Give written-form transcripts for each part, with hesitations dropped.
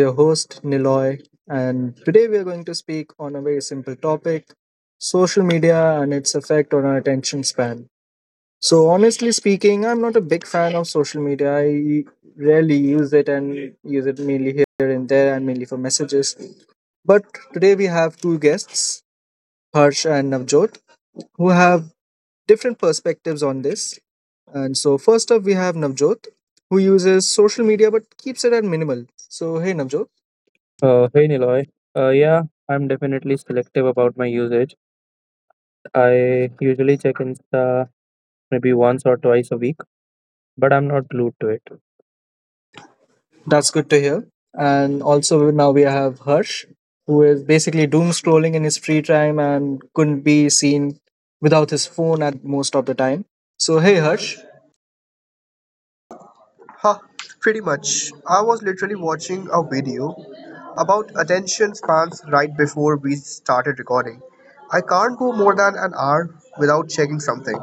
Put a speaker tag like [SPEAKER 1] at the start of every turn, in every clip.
[SPEAKER 1] Your host, Niloy, and today we are going to speak on a very simple topic social media and its effect on our attention span. So, honestly speaking, I'm not a big fan of social media. I rarely use it and use it mainly here and there and mainly for messages. But today we have two guests, Harsh and Navjot, who have different perspectives on this. And so, first up, we have Navjot, who uses social media but keeps it at minimal. So, hey, Navjot,
[SPEAKER 2] Hey Niloy. Yeah, I'm definitely selective about my usage. I usually check Insta maybe once or twice a week, but I'm not glued to it.
[SPEAKER 1] that's good to hear. And also, now we have Harsh, who is basically doom scrolling in his free time and couldn't be seen without his phone at most of the time. So, hey, Harsh,
[SPEAKER 3] Ha, pretty much. I was literally watching a video about attention spans right before we started recording. I can't go more than an hour without checking something.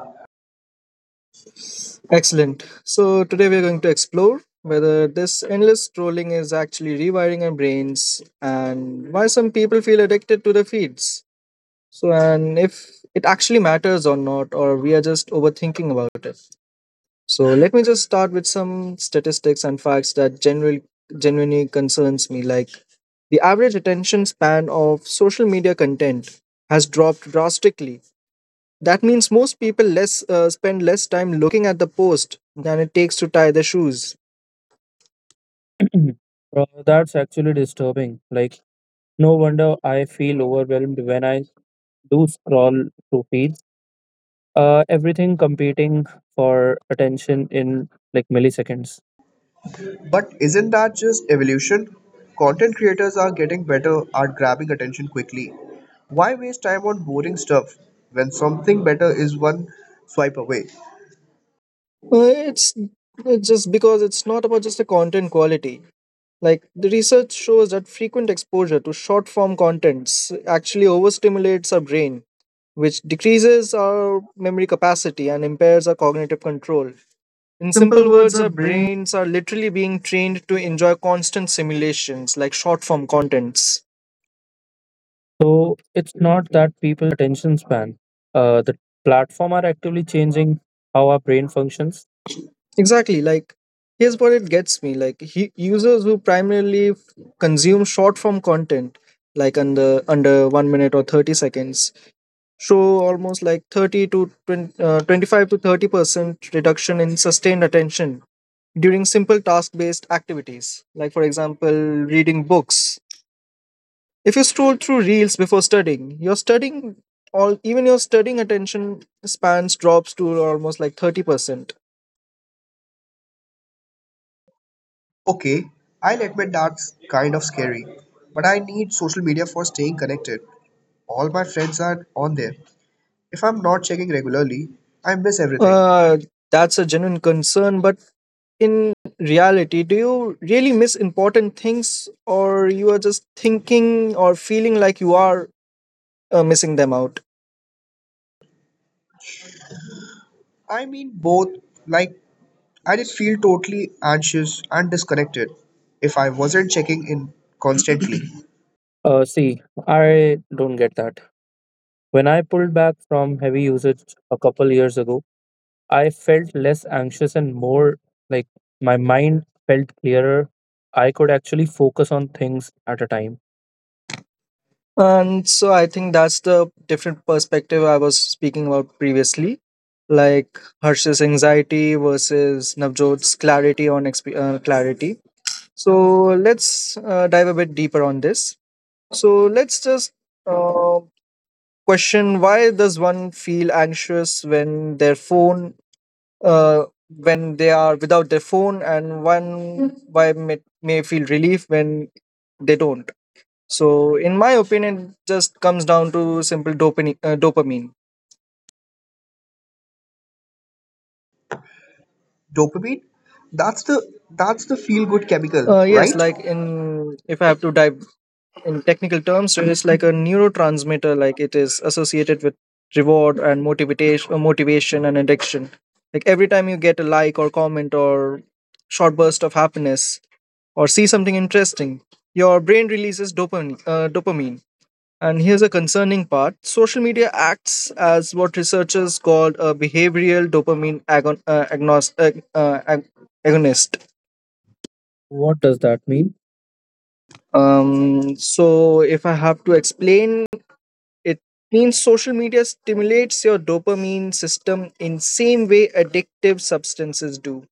[SPEAKER 1] excellent. So, today we're going to explore whether this endless scrolling is actually rewiring our brains and why some people feel addicted to the feeds. So, and if it actually matters or not, or we are just overthinking about it. So, let me just start with some statistics and facts that generally genuinely concerns me. Like the average attention span of social media content has dropped drastically. That means most people less spend less time looking at the post than it takes to tie their shoes.
[SPEAKER 2] That's actually disturbing. Like, no wonder I feel overwhelmed when I do scroll through feeds. Everything competing for attention in like milliseconds.
[SPEAKER 3] But isn't that just evolution? Content creators are getting better at grabbing attention quickly. Why waste time on boring stuff when something better is one swipe away?
[SPEAKER 1] Uh, it's it's just because it's not about just the content quality. Like the research shows that frequent exposure to short form contents actually overstimulates our brain, which decreases our memory capacity and impairs our cognitive control. In
[SPEAKER 2] Simple
[SPEAKER 1] simple
[SPEAKER 2] words
[SPEAKER 1] words,
[SPEAKER 2] are
[SPEAKER 1] our
[SPEAKER 2] brain.
[SPEAKER 1] brains are literally being trained to enjoy constant simulations like short form contents.
[SPEAKER 2] So it's not that people choose to have shorter attention span. The platform are actively changing how our brain functions.
[SPEAKER 1] Exactly, like here's what it gets me, users who primarily consume short form content like under 1 minute or 30 seconds show almost like 30 to 20, 25 to 30% reduction in sustained attention during simple task based activities, like, for example, reading books. If you scroll through reels before studying, your studying attention spans drops to almost like 30%.
[SPEAKER 3] Okay, I'll admit that's kind of scary, but I need social media for staying connected. All my friends are on there. If I'm not checking regularly, I miss everything.
[SPEAKER 1] Uh, that's a genuine concern, but in reality, do you really miss important things, or you are just thinking or feeling like you are missing them out?
[SPEAKER 3] I mean, both, like, I did feel totally anxious and disconnected if I wasn't checking in constantly.
[SPEAKER 2] See, I don't get that. When I pulled back from heavy usage a couple years ago, I felt less anxious and more like my mind felt clearer. I could actually focus on things at a time.
[SPEAKER 1] And so I think that's the different perspective I was speaking about previously, like Harsh's anxiety versus Navjot's clarity on clarity. So let's dive a bit deeper on this. So let's just uh, question why does one feel anxious when their phone, uh, when they are without their phone, and one why may feel relief when they don't. So, in my opinion, it just comes down to simple dopamine. Uh, dopamine.
[SPEAKER 3] Dopamine? That's the feel good chemical,
[SPEAKER 1] Uh, yes,
[SPEAKER 3] right?
[SPEAKER 1] like in if I have to dive in technical terms, it is like a neurotransmitter. Like it is associated with reward and motivation and addiction. Like every time you get a like or comment or short burst of happiness or see something interesting, your brain releases dopamine. And here's a concerning part social media acts as what researchers call a behavioral dopamine agonist.
[SPEAKER 2] What does that mean?
[SPEAKER 1] So, if I have to explain, it means social media stimulates your dopamine system in same way addictive substances do.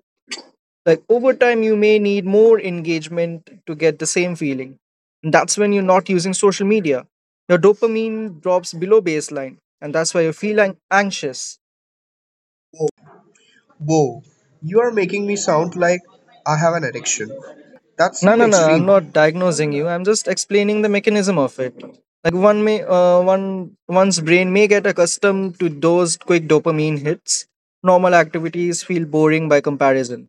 [SPEAKER 1] Like over time, you may need more engagement to get the same feeling. And that's when you're not using social media. Your dopamine drops below baseline, and that's why you feel anxious.
[SPEAKER 3] Whoa, you are making me sound like I have an addiction. That
[SPEAKER 1] No,
[SPEAKER 3] seemed
[SPEAKER 1] no, no. I'm
[SPEAKER 3] extreme.
[SPEAKER 1] not diagnosing you. I'm just explaining the mechanism of it. Like one's brain may get accustomed to those quick dopamine hits. Normal activities feel boring by comparison.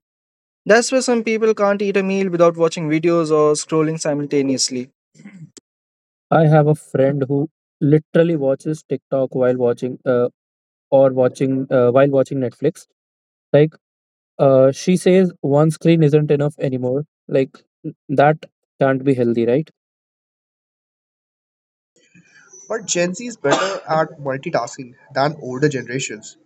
[SPEAKER 1] That's why some people can't eat a meal without watching videos or scrolling simultaneously.
[SPEAKER 2] I have a friend who literally watches TikTok while watching or watching while watching Netflix. Like she says one screen isn't enough anymore. Like that can't be healthy, right?
[SPEAKER 3] But Gen Z is better at multitasking than older generations.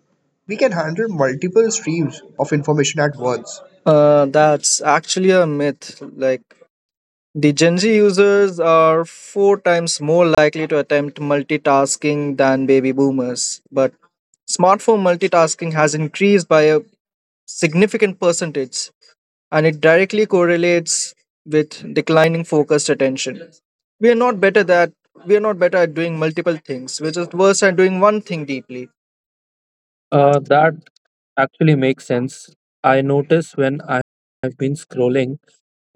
[SPEAKER 3] We can handle multiple streams of information at once.
[SPEAKER 1] That's actually a myth. Like the Gen Z users are four times more likely to attempt multitasking than baby boomers, but smartphone multitasking has increased by a significant percentage and it directly correlates with declining focused attention. We are not better that we are not better at doing multiple things. We're just worse at doing one thing deeply,
[SPEAKER 2] That actually makes sense. I notice when I've been scrolling,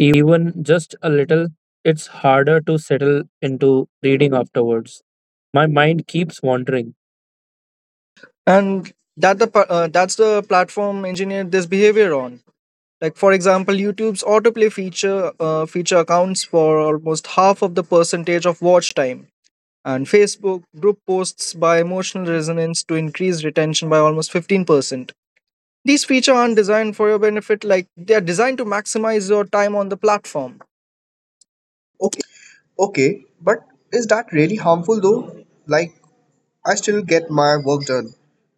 [SPEAKER 2] even just a little, it's harder to settle into reading afterwards. My mind keeps wandering.
[SPEAKER 1] and that's the platform engineered this behavior on. Like for example, YouTube's autoplay feature accounts for almost half of the percentage of watch time, and Facebook group posts by emotional resonance to increase retention by almost 15%. These features aren't designed for your benefit; like they are designed to maximize your time on the platform. Okay,
[SPEAKER 3] Okay, but is that really harmful though? Like, I still get my work done.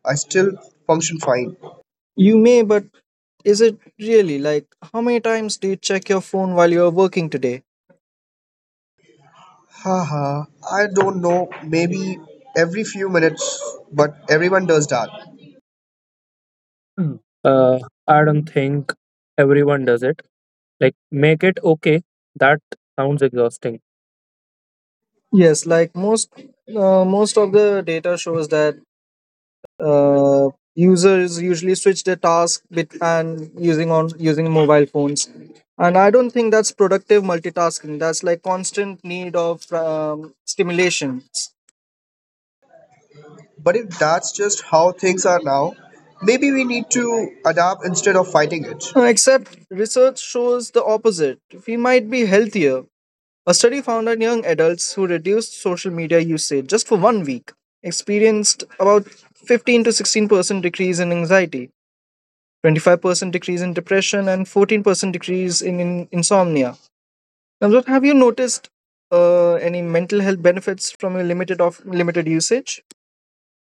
[SPEAKER 3] I still function fine.
[SPEAKER 1] you may, but is it really, like how many times do you check your phone while you're working today?
[SPEAKER 3] Haha, I don't know, maybe every few minutes, but everyone does that.
[SPEAKER 2] Mm. Uh, I don't think everyone does it. Like, make it okay. That sounds exhausting.
[SPEAKER 1] Yes, like most of the data shows that uh, users usually switch their task bit and using mobile phones, and I don't think that's productive multitasking. That's like constant need of stimulation.
[SPEAKER 3] But if that's just how things are now, maybe we need to adapt instead of fighting it.
[SPEAKER 1] Except research shows the opposite. We might be healthier. A study found that young adults who reduced social media usage just for one week experienced about 15 to 16% decrease in anxiety, 25% decrease in depression, and 14% decrease in insomnia. Namrata, have you noticed any mental health benefits from your limited usage?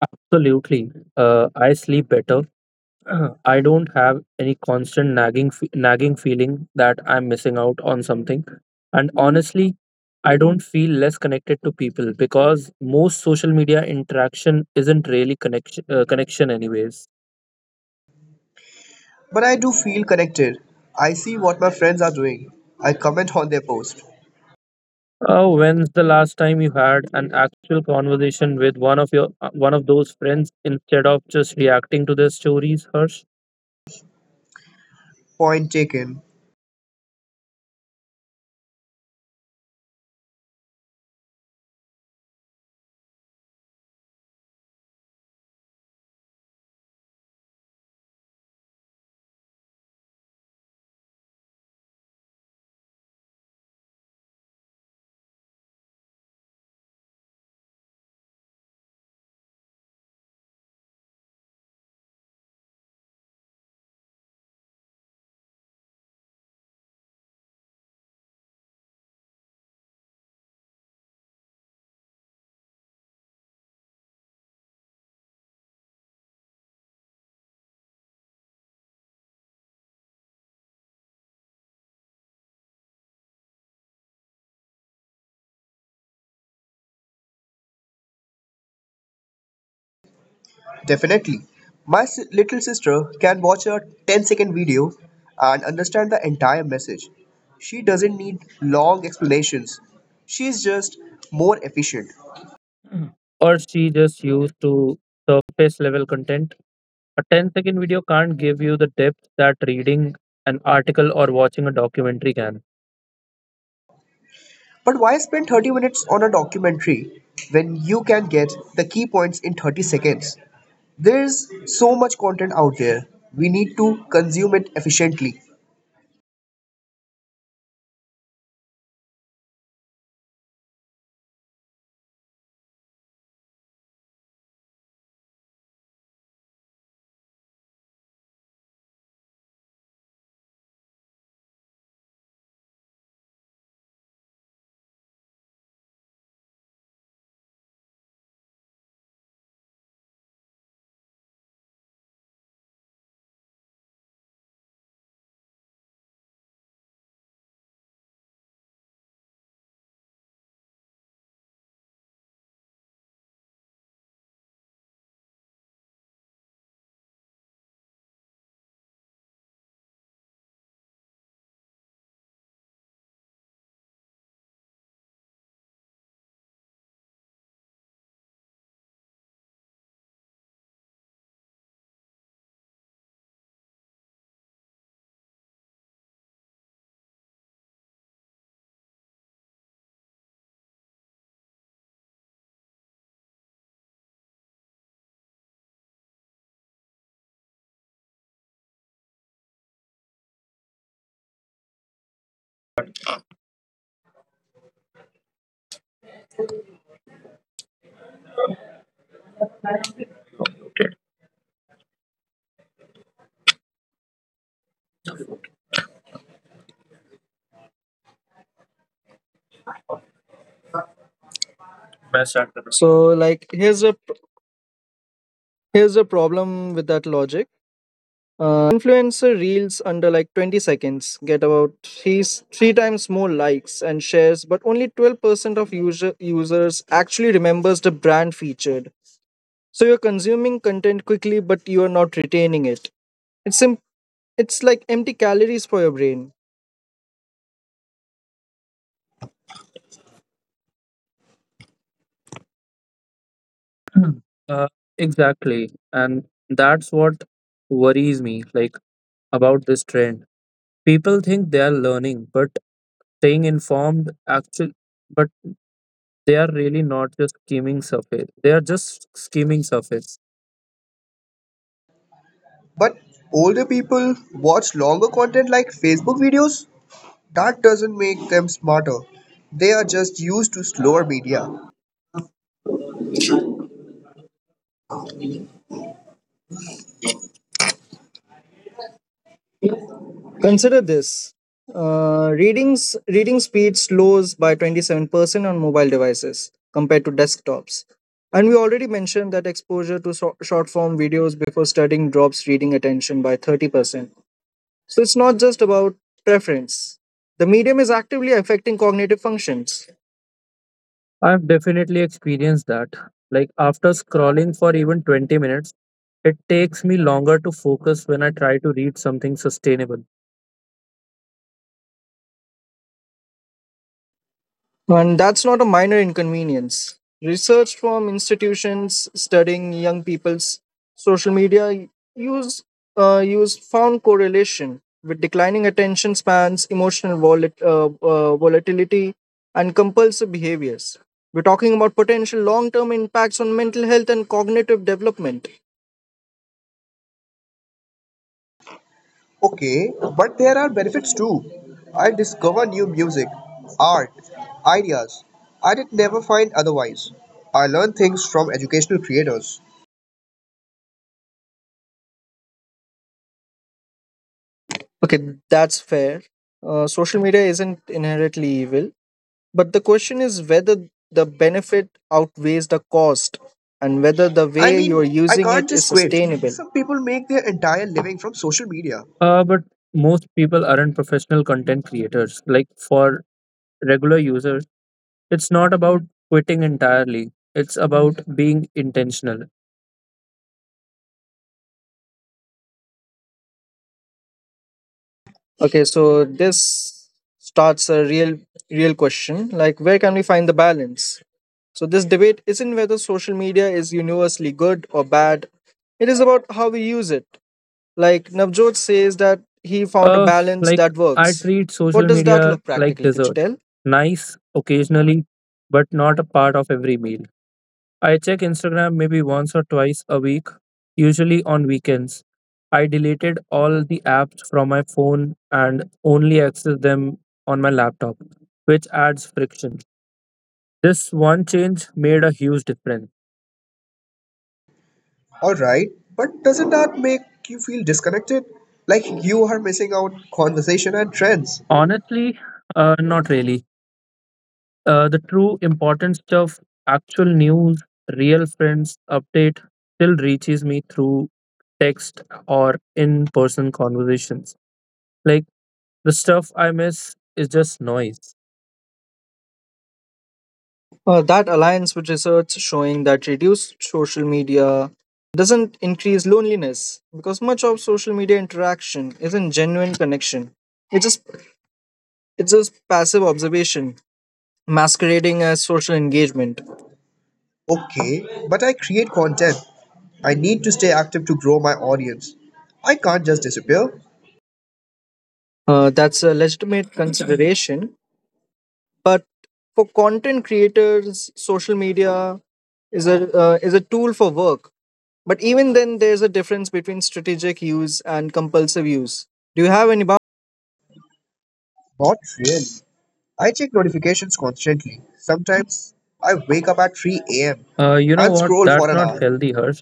[SPEAKER 2] Absolutely. I sleep better. I don't have any constant nagging nagging feeling that I'm missing out on something. And honestly, I don't feel less connected to people because most social media interaction isn't really connection connection anyways.
[SPEAKER 3] But I do feel connected. I see what my friends are doing. I comment on their post.
[SPEAKER 2] When's the last time you had an actual conversation with one of your one of those friends instead of just reacting to their stories, Hirsch?
[SPEAKER 3] Point taken. Definitely. My little sister can watch a ten-second video and understand the entire message. She doesn't need long explanations. She's just more efficient.
[SPEAKER 2] Or she just used to surface level content? A ten-second video can't give you the depth that reading an article or watching a documentary can.
[SPEAKER 3] But why spend 30 minutes on a documentary when you can get the key points in 30 seconds? There's so much content out there. We need to consume it efficiently.
[SPEAKER 1] So like here's a problem with that logic. Influencer reels under like 20 seconds get about three times more likes and shares, but only 12% of users actually remembers the brand featured. So you're consuming content quickly, but you are not retaining it. It's sim- it's like empty calories for your brain.
[SPEAKER 2] Mm. Uh, exactly. And that's what worries me, like about this trend. People think they are learning, but staying informed actually but they are really not just skimming surface.
[SPEAKER 3] But older people watch longer content like Facebook videos. That doesn't make them smarter. They are just used to slower media.
[SPEAKER 1] Consider this. Reading speed slows by 27% on mobile devices compared to desktops. And we already mentioned that exposure to short form videos before studying drops reading attention by 30%. So it's not just about preference. The medium is actively affecting cognitive functions.
[SPEAKER 2] I've definitely experienced that. Like after scrolling for even 20 minutes, it takes me longer to focus when I try to read something sustainable.
[SPEAKER 1] And that's not a minor inconvenience. Research from institutions studying young people's social media use use found correlation with declining attention spans, emotional volatility, and compulsive behaviors. We're talking about potential long-term impacts on mental health and cognitive development.
[SPEAKER 3] Okay, but there are benefits too. I discover new music, art, ideas I did never find otherwise. I learn things from educational creators.
[SPEAKER 1] Okay, that's fair. Social media isn't inherently evil. But the question is whether the benefit outweighs the cost and whether the
[SPEAKER 3] I
[SPEAKER 1] way
[SPEAKER 3] mean,
[SPEAKER 1] you're
[SPEAKER 3] I
[SPEAKER 1] using
[SPEAKER 3] can't
[SPEAKER 1] it is
[SPEAKER 3] just quit.
[SPEAKER 1] sustainable.
[SPEAKER 3] Some people make their entire living from social media.
[SPEAKER 2] But most people aren't professional content creators. Like for regular users, it's not about quitting entirely. It's about being intentional.
[SPEAKER 1] Okay, so this starts a real question, like where can we find the balance? So this debate isn't whether social media is universally good or bad. It is about how we use it. Like Navjot says that he found a
[SPEAKER 2] Uh,
[SPEAKER 1] balance
[SPEAKER 2] like
[SPEAKER 1] that
[SPEAKER 2] I
[SPEAKER 1] works.
[SPEAKER 2] treat
[SPEAKER 1] What
[SPEAKER 2] social
[SPEAKER 1] does that
[SPEAKER 2] media
[SPEAKER 1] look
[SPEAKER 2] like
[SPEAKER 1] practically? Could you
[SPEAKER 2] dessert.
[SPEAKER 1] tell?
[SPEAKER 2] Nice occasionally, but not a part of every meal. I check Instagram maybe once or twice a week, usually on weekends. I deleted all the apps from my phone and only access them on my laptop, which adds friction. This one change made a huge difference.
[SPEAKER 3] Alright, but doesn't that make you feel disconnected? Like you are missing out conversation and trends.
[SPEAKER 2] Honestly, not really. The true importance of actual news, real friends update still reaches me through text or in person conversations. Like the stuff I miss is just noise.
[SPEAKER 1] That aligns with research showing that reduced social media doesn't increase loneliness because much of social media interaction isn't genuine connection. It's just it's just passive observation masquerading as social engagement.
[SPEAKER 3] Okay, but I create content. I need to stay active to grow my audience. I can't just disappear.
[SPEAKER 1] That's a legitimate consideration, but for content creators, social media is a tool for work. But even then, there's a difference between strategic use and compulsive use. Do you have any boundaries?
[SPEAKER 3] Not really. I check notifications constantly. Sometimes I wake up at 3 a.m.
[SPEAKER 2] Uh, you know
[SPEAKER 3] and
[SPEAKER 2] what?
[SPEAKER 3] scroll for
[SPEAKER 2] That's
[SPEAKER 3] an
[SPEAKER 2] not
[SPEAKER 3] hour.
[SPEAKER 2] healthy, Harsh.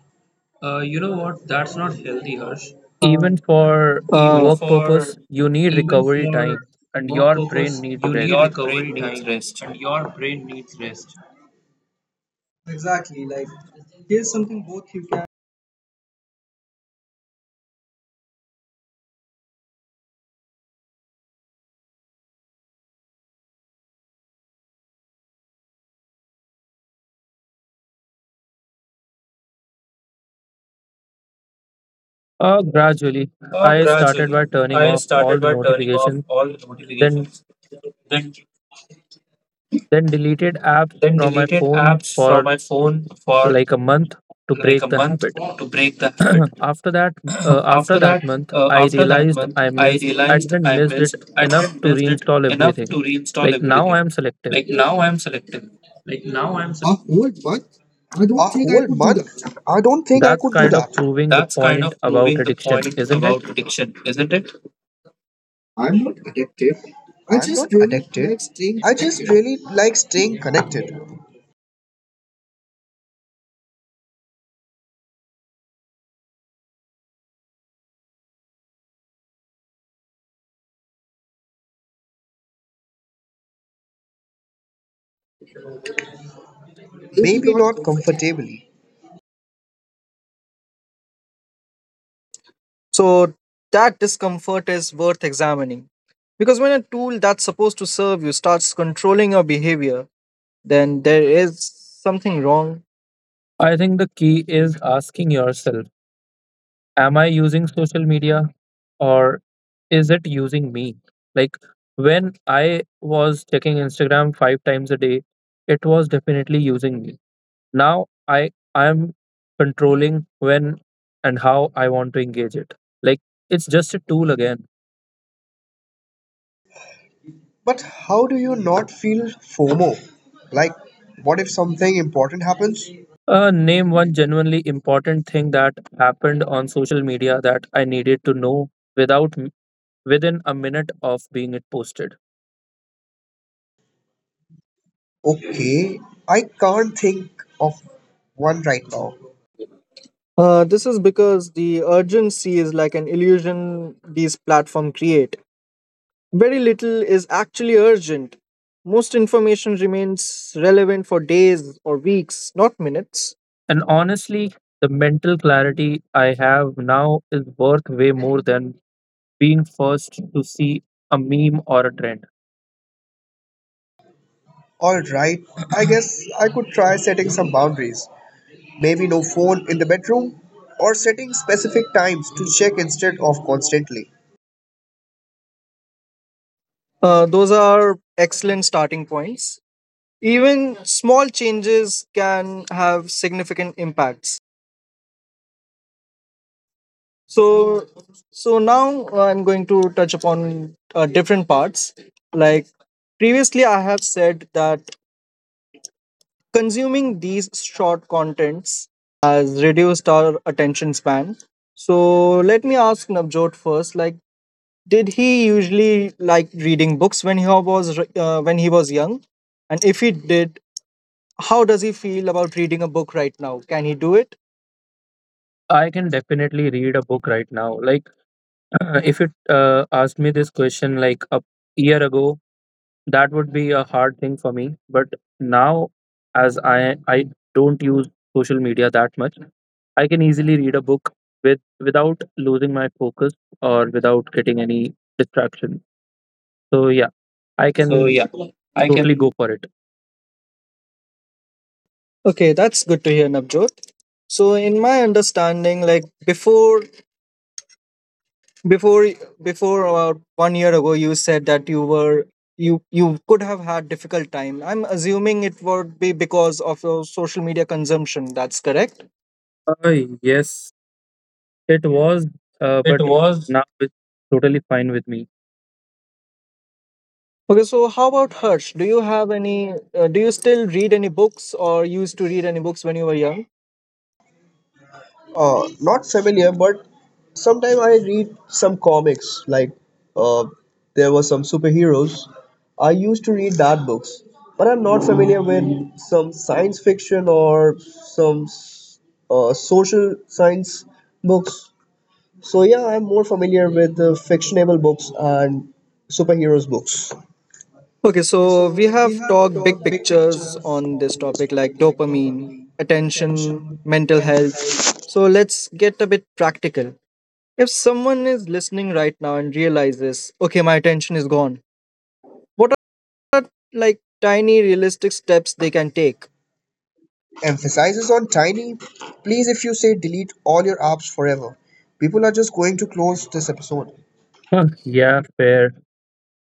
[SPEAKER 3] You know what? That's not healthy, Harsh.
[SPEAKER 2] Even for
[SPEAKER 1] Even
[SPEAKER 2] work
[SPEAKER 1] For
[SPEAKER 2] purpose, you need
[SPEAKER 3] Even
[SPEAKER 2] recovery
[SPEAKER 3] for
[SPEAKER 2] time and
[SPEAKER 3] work
[SPEAKER 2] your brain
[SPEAKER 3] purpose,
[SPEAKER 2] needs
[SPEAKER 3] you need
[SPEAKER 1] your
[SPEAKER 2] rest.
[SPEAKER 1] brain
[SPEAKER 3] recovery
[SPEAKER 1] needs
[SPEAKER 3] time,
[SPEAKER 1] rest.
[SPEAKER 3] and your brain needs rest.
[SPEAKER 2] Gradually, I started by
[SPEAKER 1] Gradually,
[SPEAKER 2] turning
[SPEAKER 1] I
[SPEAKER 2] off all
[SPEAKER 1] started
[SPEAKER 2] the
[SPEAKER 1] by turning off
[SPEAKER 2] notifications.
[SPEAKER 1] all
[SPEAKER 2] Then
[SPEAKER 1] notifications, then
[SPEAKER 2] then deleted apps
[SPEAKER 1] then
[SPEAKER 2] from my
[SPEAKER 1] deleted
[SPEAKER 2] phone
[SPEAKER 1] apps from
[SPEAKER 2] for
[SPEAKER 1] my phone for
[SPEAKER 2] like a month to
[SPEAKER 1] like
[SPEAKER 2] break
[SPEAKER 1] a
[SPEAKER 2] the
[SPEAKER 1] month
[SPEAKER 2] habit.
[SPEAKER 1] to break the habit.
[SPEAKER 2] after that uh, after
[SPEAKER 1] After
[SPEAKER 2] that
[SPEAKER 1] that,
[SPEAKER 2] month, I
[SPEAKER 1] After that
[SPEAKER 2] realized
[SPEAKER 1] month,
[SPEAKER 2] I
[SPEAKER 1] I
[SPEAKER 2] missed I
[SPEAKER 1] realized
[SPEAKER 2] didn't missed it
[SPEAKER 1] I
[SPEAKER 2] enough
[SPEAKER 1] didn't
[SPEAKER 2] to
[SPEAKER 1] missed it
[SPEAKER 2] reinstall
[SPEAKER 1] enough to
[SPEAKER 2] everything.
[SPEAKER 1] reinstall
[SPEAKER 2] Like now I
[SPEAKER 1] everything.
[SPEAKER 2] am selective.
[SPEAKER 1] Like now, I'm selective.
[SPEAKER 3] Like now, I'm a whole month? I don't think I
[SPEAKER 2] That's
[SPEAKER 3] could do
[SPEAKER 2] kind of
[SPEAKER 3] that.
[SPEAKER 2] proving the
[SPEAKER 1] That's kind
[SPEAKER 2] point
[SPEAKER 1] of
[SPEAKER 2] about
[SPEAKER 1] proving the
[SPEAKER 2] addiction,
[SPEAKER 1] point
[SPEAKER 2] isn't it?
[SPEAKER 1] about addiction, isn't it?
[SPEAKER 3] I'm not addicted. I just really like staying connected. Maybe not comfortably.
[SPEAKER 1] So that discomfort is worth examining. Because when a tool that's supposed to serve you starts controlling your behavior, then there is something wrong.
[SPEAKER 2] I think the key is asking yourself, am I using social media or is it using me? Like when I was checking Instagram 5 times a day, it was definitely using me. Now i I am controlling when and how I want to engage it. Like it's just a tool again.
[SPEAKER 3] But how do you not feel FOMO? Like, what if something important happens?
[SPEAKER 2] Name one genuinely important thing that happened on social media that I needed to know without within a minute of being it posted.
[SPEAKER 3] Okay, I can't think of one right now.
[SPEAKER 1] This is because the urgency is like an illusion these platforms create. Very little is actually urgent. Most information remains relevant for days or weeks, not minutes.
[SPEAKER 2] And honestly, the mental clarity I have now is worth way more than being first to see a meme or a trend.
[SPEAKER 3] Alright, I guess I could try setting some boundaries. Maybe no phone in the bedroom, or setting specific times to check instead of constantly.
[SPEAKER 1] Those are excellent starting points. Even small changes can have significant impacts. So, so, now I'm going to touch upon different parts. Like previously, I have said that consuming these short contents has reduced our attention span. So let me ask Navjot first. Like, did he usually like reading books when he was young? And if he did, how does he feel about reading a book right now? Can he do it?
[SPEAKER 2] I can definitely read a book right now. Like, if you asked me this question like a year ago, that would be a hard thing for me. But now, as I don't use social media that much, I can easily read a book with without losing my focus or without getting any distraction. So yeah, I
[SPEAKER 1] So
[SPEAKER 2] can
[SPEAKER 1] yeah, I
[SPEAKER 2] totally go
[SPEAKER 1] can.
[SPEAKER 2] for it.
[SPEAKER 1] Okay, that's good to hear, Navjot. So, in my understanding, like before, before about one year ago, you said that you were you you could have had difficult time. I'm assuming it would be because of your social media consumption. That's correct.
[SPEAKER 2] Uh, yes, it was,
[SPEAKER 1] It
[SPEAKER 2] but
[SPEAKER 1] was.
[SPEAKER 2] now it's totally fine with me.
[SPEAKER 1] Okay, so how about Harsh? Do you have any? Do you still read any books or used to read any books when you were young?
[SPEAKER 3] Not familiar, but sometimes I read some comics. Like uh, there were some superheroes. I used to read that books, but I'm not familiar with some science fiction or some social science books. So yeah, I'm more familiar with the fictional books and superheroes books.
[SPEAKER 1] Okay, so we have talked big pictures on this topic like dopamine, attention, mental health. So let's get a bit practical. If someone is listening right now and realizes, okay, my attention is gone, what are like tiny realistic steps they can take?
[SPEAKER 3] Emphasizes on tiny. Please, if you say delete all your apps forever, people are just going to close this episode.
[SPEAKER 2] Huh, yeah, fair.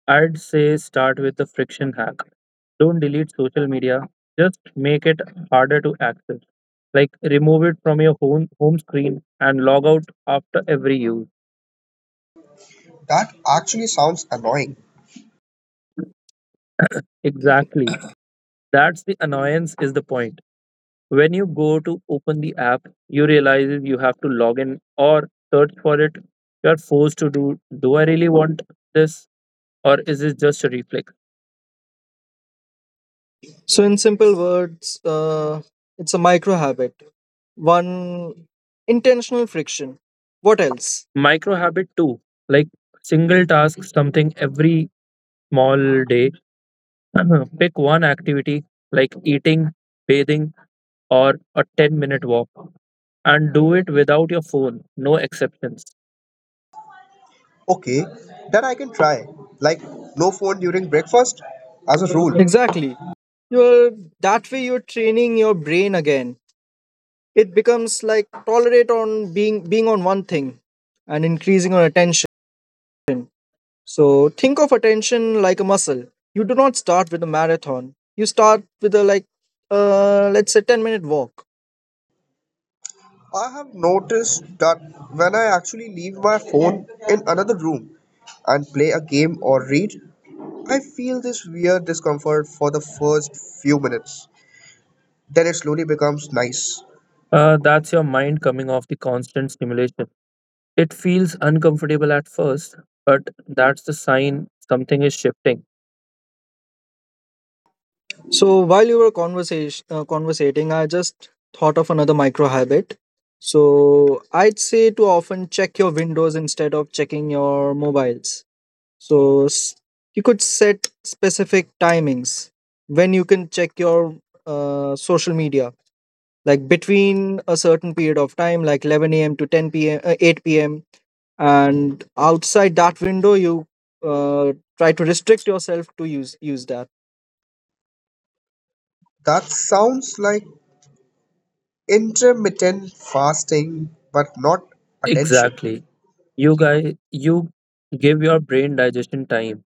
[SPEAKER 2] I'd say start with the friction hack. Don't delete social media, just make it harder to access. Like remove it from your home screen and log out after every use.
[SPEAKER 3] That actually sounds annoying.
[SPEAKER 2] Exactly. That's the annoyance is the point. When you go to open the app, you realize you have to log in or search for it. You are forced to do, do I really want this, or is it just a reflex?
[SPEAKER 1] So, in simple words, it's a micro habit. One, intentional friction. What else?
[SPEAKER 2] Micro habit too, like single task, something every small day. Pick one activity like eating, bathing, or a 10-minute walk and do it without your phone, no exceptions.
[SPEAKER 3] Okay, then I can try. Like, no phone during breakfast? As a rule.
[SPEAKER 1] Exactly. You're that way you're training your brain again. It becomes like tolerate on being on one thing and increasing on attention. So think of attention like a muscle. You do not start with a marathon, you start with a let's say 10-minute walk.
[SPEAKER 3] I have noticed that when I actually leave my phone in another room and play a game or read, I feel this weird discomfort for the first few minutes. Then it slowly becomes nice.
[SPEAKER 2] That's your mind coming off the constant stimulation. It feels uncomfortable at first, but that's the sign something is shifting.
[SPEAKER 1] So while you were conversation conversating, I just thought of another micro habit. So I'd say to often check your windows instead of checking your mobiles. So you could set specific timings when you can check your social media, like between a certain period of time, like 11 a.m. to 10 p.m., 8 p.m., and outside that window, you try to restrict yourself to use that.
[SPEAKER 3] That sounds like intermittent fasting, but not attention.
[SPEAKER 2] Exactly. You guys, you give your brain digestion time.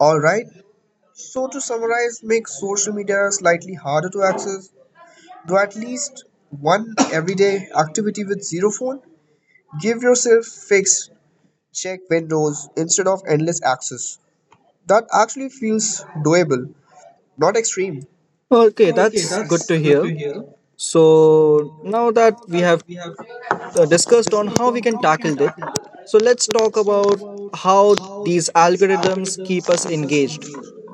[SPEAKER 3] Alright, so to summarize, make social media slightly harder to access. Do at least one everyday activity with zero phone. Give yourself fixed check windows instead of endless access. That actually feels doable, not extreme.
[SPEAKER 1] Okay, that's good to hear. So now that we have discussed on how we can tackle it. So let's talk about how these algorithms keep us engaged.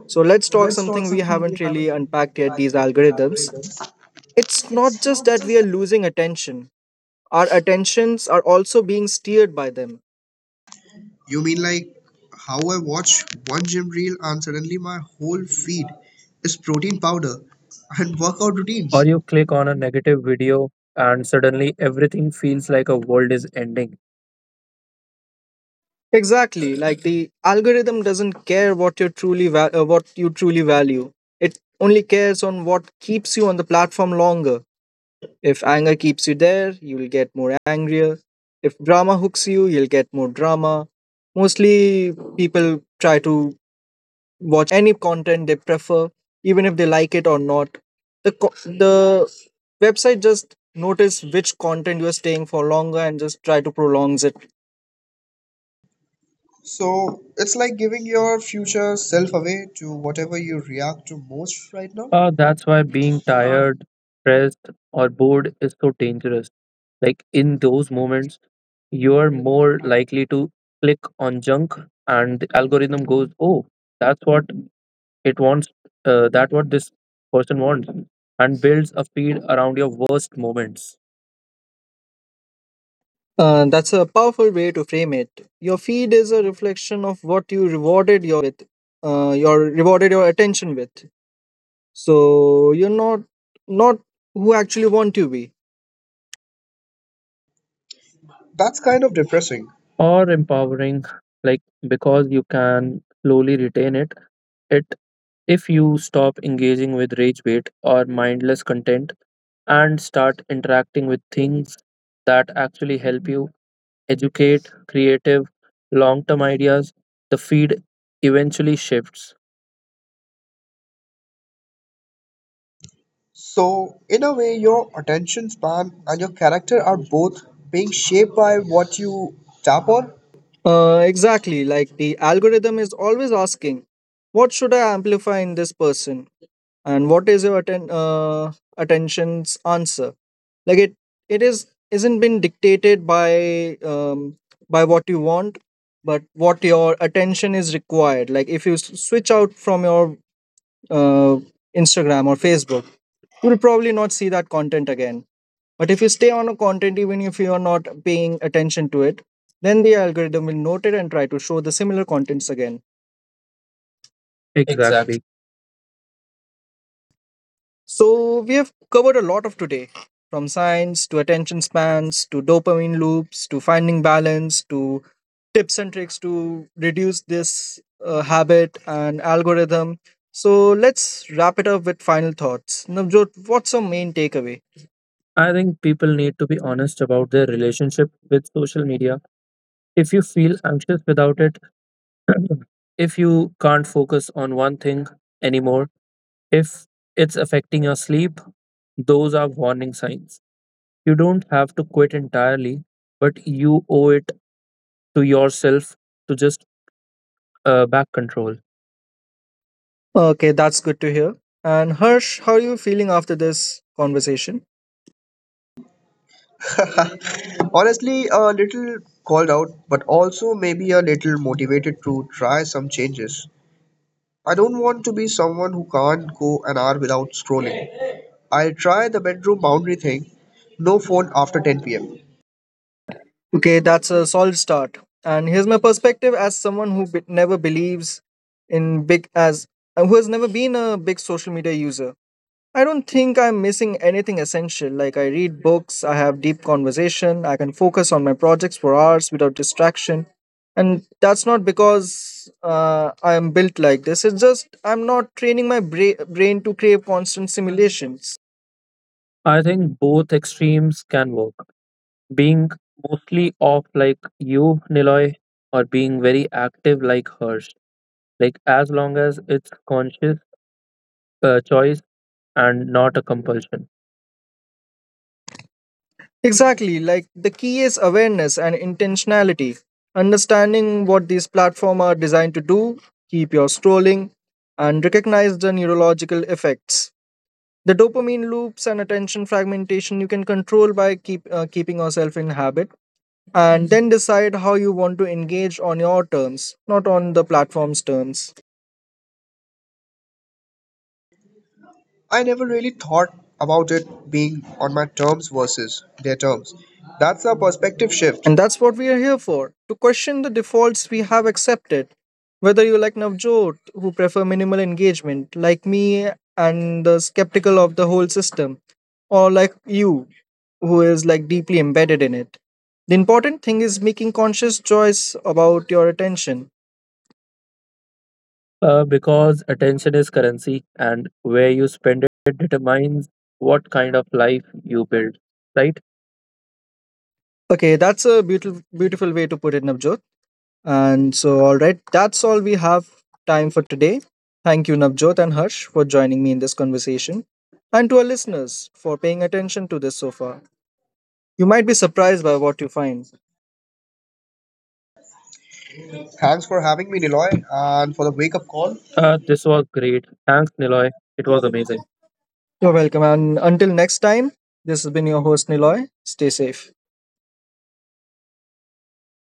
[SPEAKER 1] So let's talk something we haven't really unpacked yet, these algorithms. It's not just that we are losing attention, our attentions are also being steered by them.
[SPEAKER 3] You mean like how I watch one gym reel and suddenly my whole feed is protein powder and workout
[SPEAKER 2] Or
[SPEAKER 3] routines?
[SPEAKER 2] you click on a negative video and suddenly everything feels like a world is ending.
[SPEAKER 1] Exactly, like the algorithm doesn't care what you truly what you truly value. It only cares on what keeps you on the platform longer. If anger keeps you there, you'll get more angrier. If drama hooks you, you'll get more drama. Mostly people try to watch any content they prefer, even if they like it or not. The website just notice which content you're staying for longer and just try to prolongs it.
[SPEAKER 3] So it's like giving your future self away to whatever you react to most right now.
[SPEAKER 2] That's why being tired, stressed, or bored is so dangerous. Like in those moments, you are more likely to click on junk, and the algorithm goes, "Oh, that's what it wants. That what this person wants," and builds a feed around your worst moments.
[SPEAKER 1] That's a powerful way to frame it. Your feed is a reflection of what you rewarded with, your rewarded your attention with. So you're not who actually want to be.
[SPEAKER 3] That's kind of depressing.
[SPEAKER 2] Or empowering, like because you can slowly retain it. It If you stop engaging with rage bait or mindless content and start interacting with things that actually help you educate creative long term ideas, the feed eventually shifts.
[SPEAKER 3] So, in a way, your attention span and your character are both being shaped by what you tap on.
[SPEAKER 1] Exactly. Like the algorithm is always asking, what should I amplify in this person, and what is your attention's answer? Like it is isn't been dictated by what you want, but what your attention is required. Like if you switch out from your uh, Instagram or Facebook, you will probably not see that content again. But if you stay on a content, even if you are not paying attention to it, then the algorithm will note it and try to show the similar contents again. Exactly.
[SPEAKER 2] Exactly.
[SPEAKER 1] So we have covered a lot of today, from science to attention spans to dopamine loops to finding balance to tips and tricks to reduce this habit and algorithm. So let's wrap it up with final thoughts. Navjot, what's your main takeaway?
[SPEAKER 2] I think people need to be honest about their relationship with social media. If you feel anxious without it, if you can't focus on one thing anymore, if it's affecting your sleep, those are warning signs. You don't have to quit entirely, but you owe it to yourself to just back control.
[SPEAKER 1] Okay, that's good to hear. And Harsh, how are you feeling after this conversation?
[SPEAKER 3] Honestly, a little called out, but also maybe a little motivated to try some changes. I don't want to be someone who can't go an hour without scrolling. I'll try the bedroom boundary thing, no phone after 10 pm.
[SPEAKER 1] Okay, that's a solid start. And here's my perspective as someone who be- never believes in big as who has never been a big social media user. I don't think I'm missing anything essential. Like I read books, I have deep conversation, I can focus on my projects for hours without distraction. And that's not because I am built like this. It's just I'm not training my brain to crave constant stimulation.
[SPEAKER 2] I think both extremes can work. Being mostly off like you, Niloy, or being very active like hers. Like as long as it's conscious choice and not a compulsion.
[SPEAKER 1] Exactly. Like the key is awareness and intentionality. Understanding what these platforms are designed to do, keep your scrolling, and recognize the neurological effects. The dopamine loops and attention fragmentation you can control by keeping yourself in habit and then decide how you want to engage on your terms, not on the platform's terms.
[SPEAKER 3] I never really thought about it being on my terms versus their terms. That's a perspective shift.
[SPEAKER 1] And that's what we are here for, to question the defaults we have accepted. Whether you like Navjot, who prefer minimal engagement, like me and the skeptical of the whole system, or like you, who is like deeply embedded in it. The important thing is making conscious choice about your attention.
[SPEAKER 2] Because attention is currency, and where you spend it determines what kind of life you build. Right?
[SPEAKER 1] Okay, that's a beautiful, beautiful way to put it, Navjot. And so, all right, that's all we have time for today. Thank you, Navjot and Harsh, for joining me in this conversation, and to our listeners for paying attention to this so far. You might be surprised by what you find.
[SPEAKER 3] Thanks for having me, Niloy, and for the wake up call.
[SPEAKER 2] This was great. Thanks, Niloy. It
[SPEAKER 1] You're
[SPEAKER 2] was amazing.
[SPEAKER 1] welcome. And until next time, this has been your host, Niloy. Stay safe.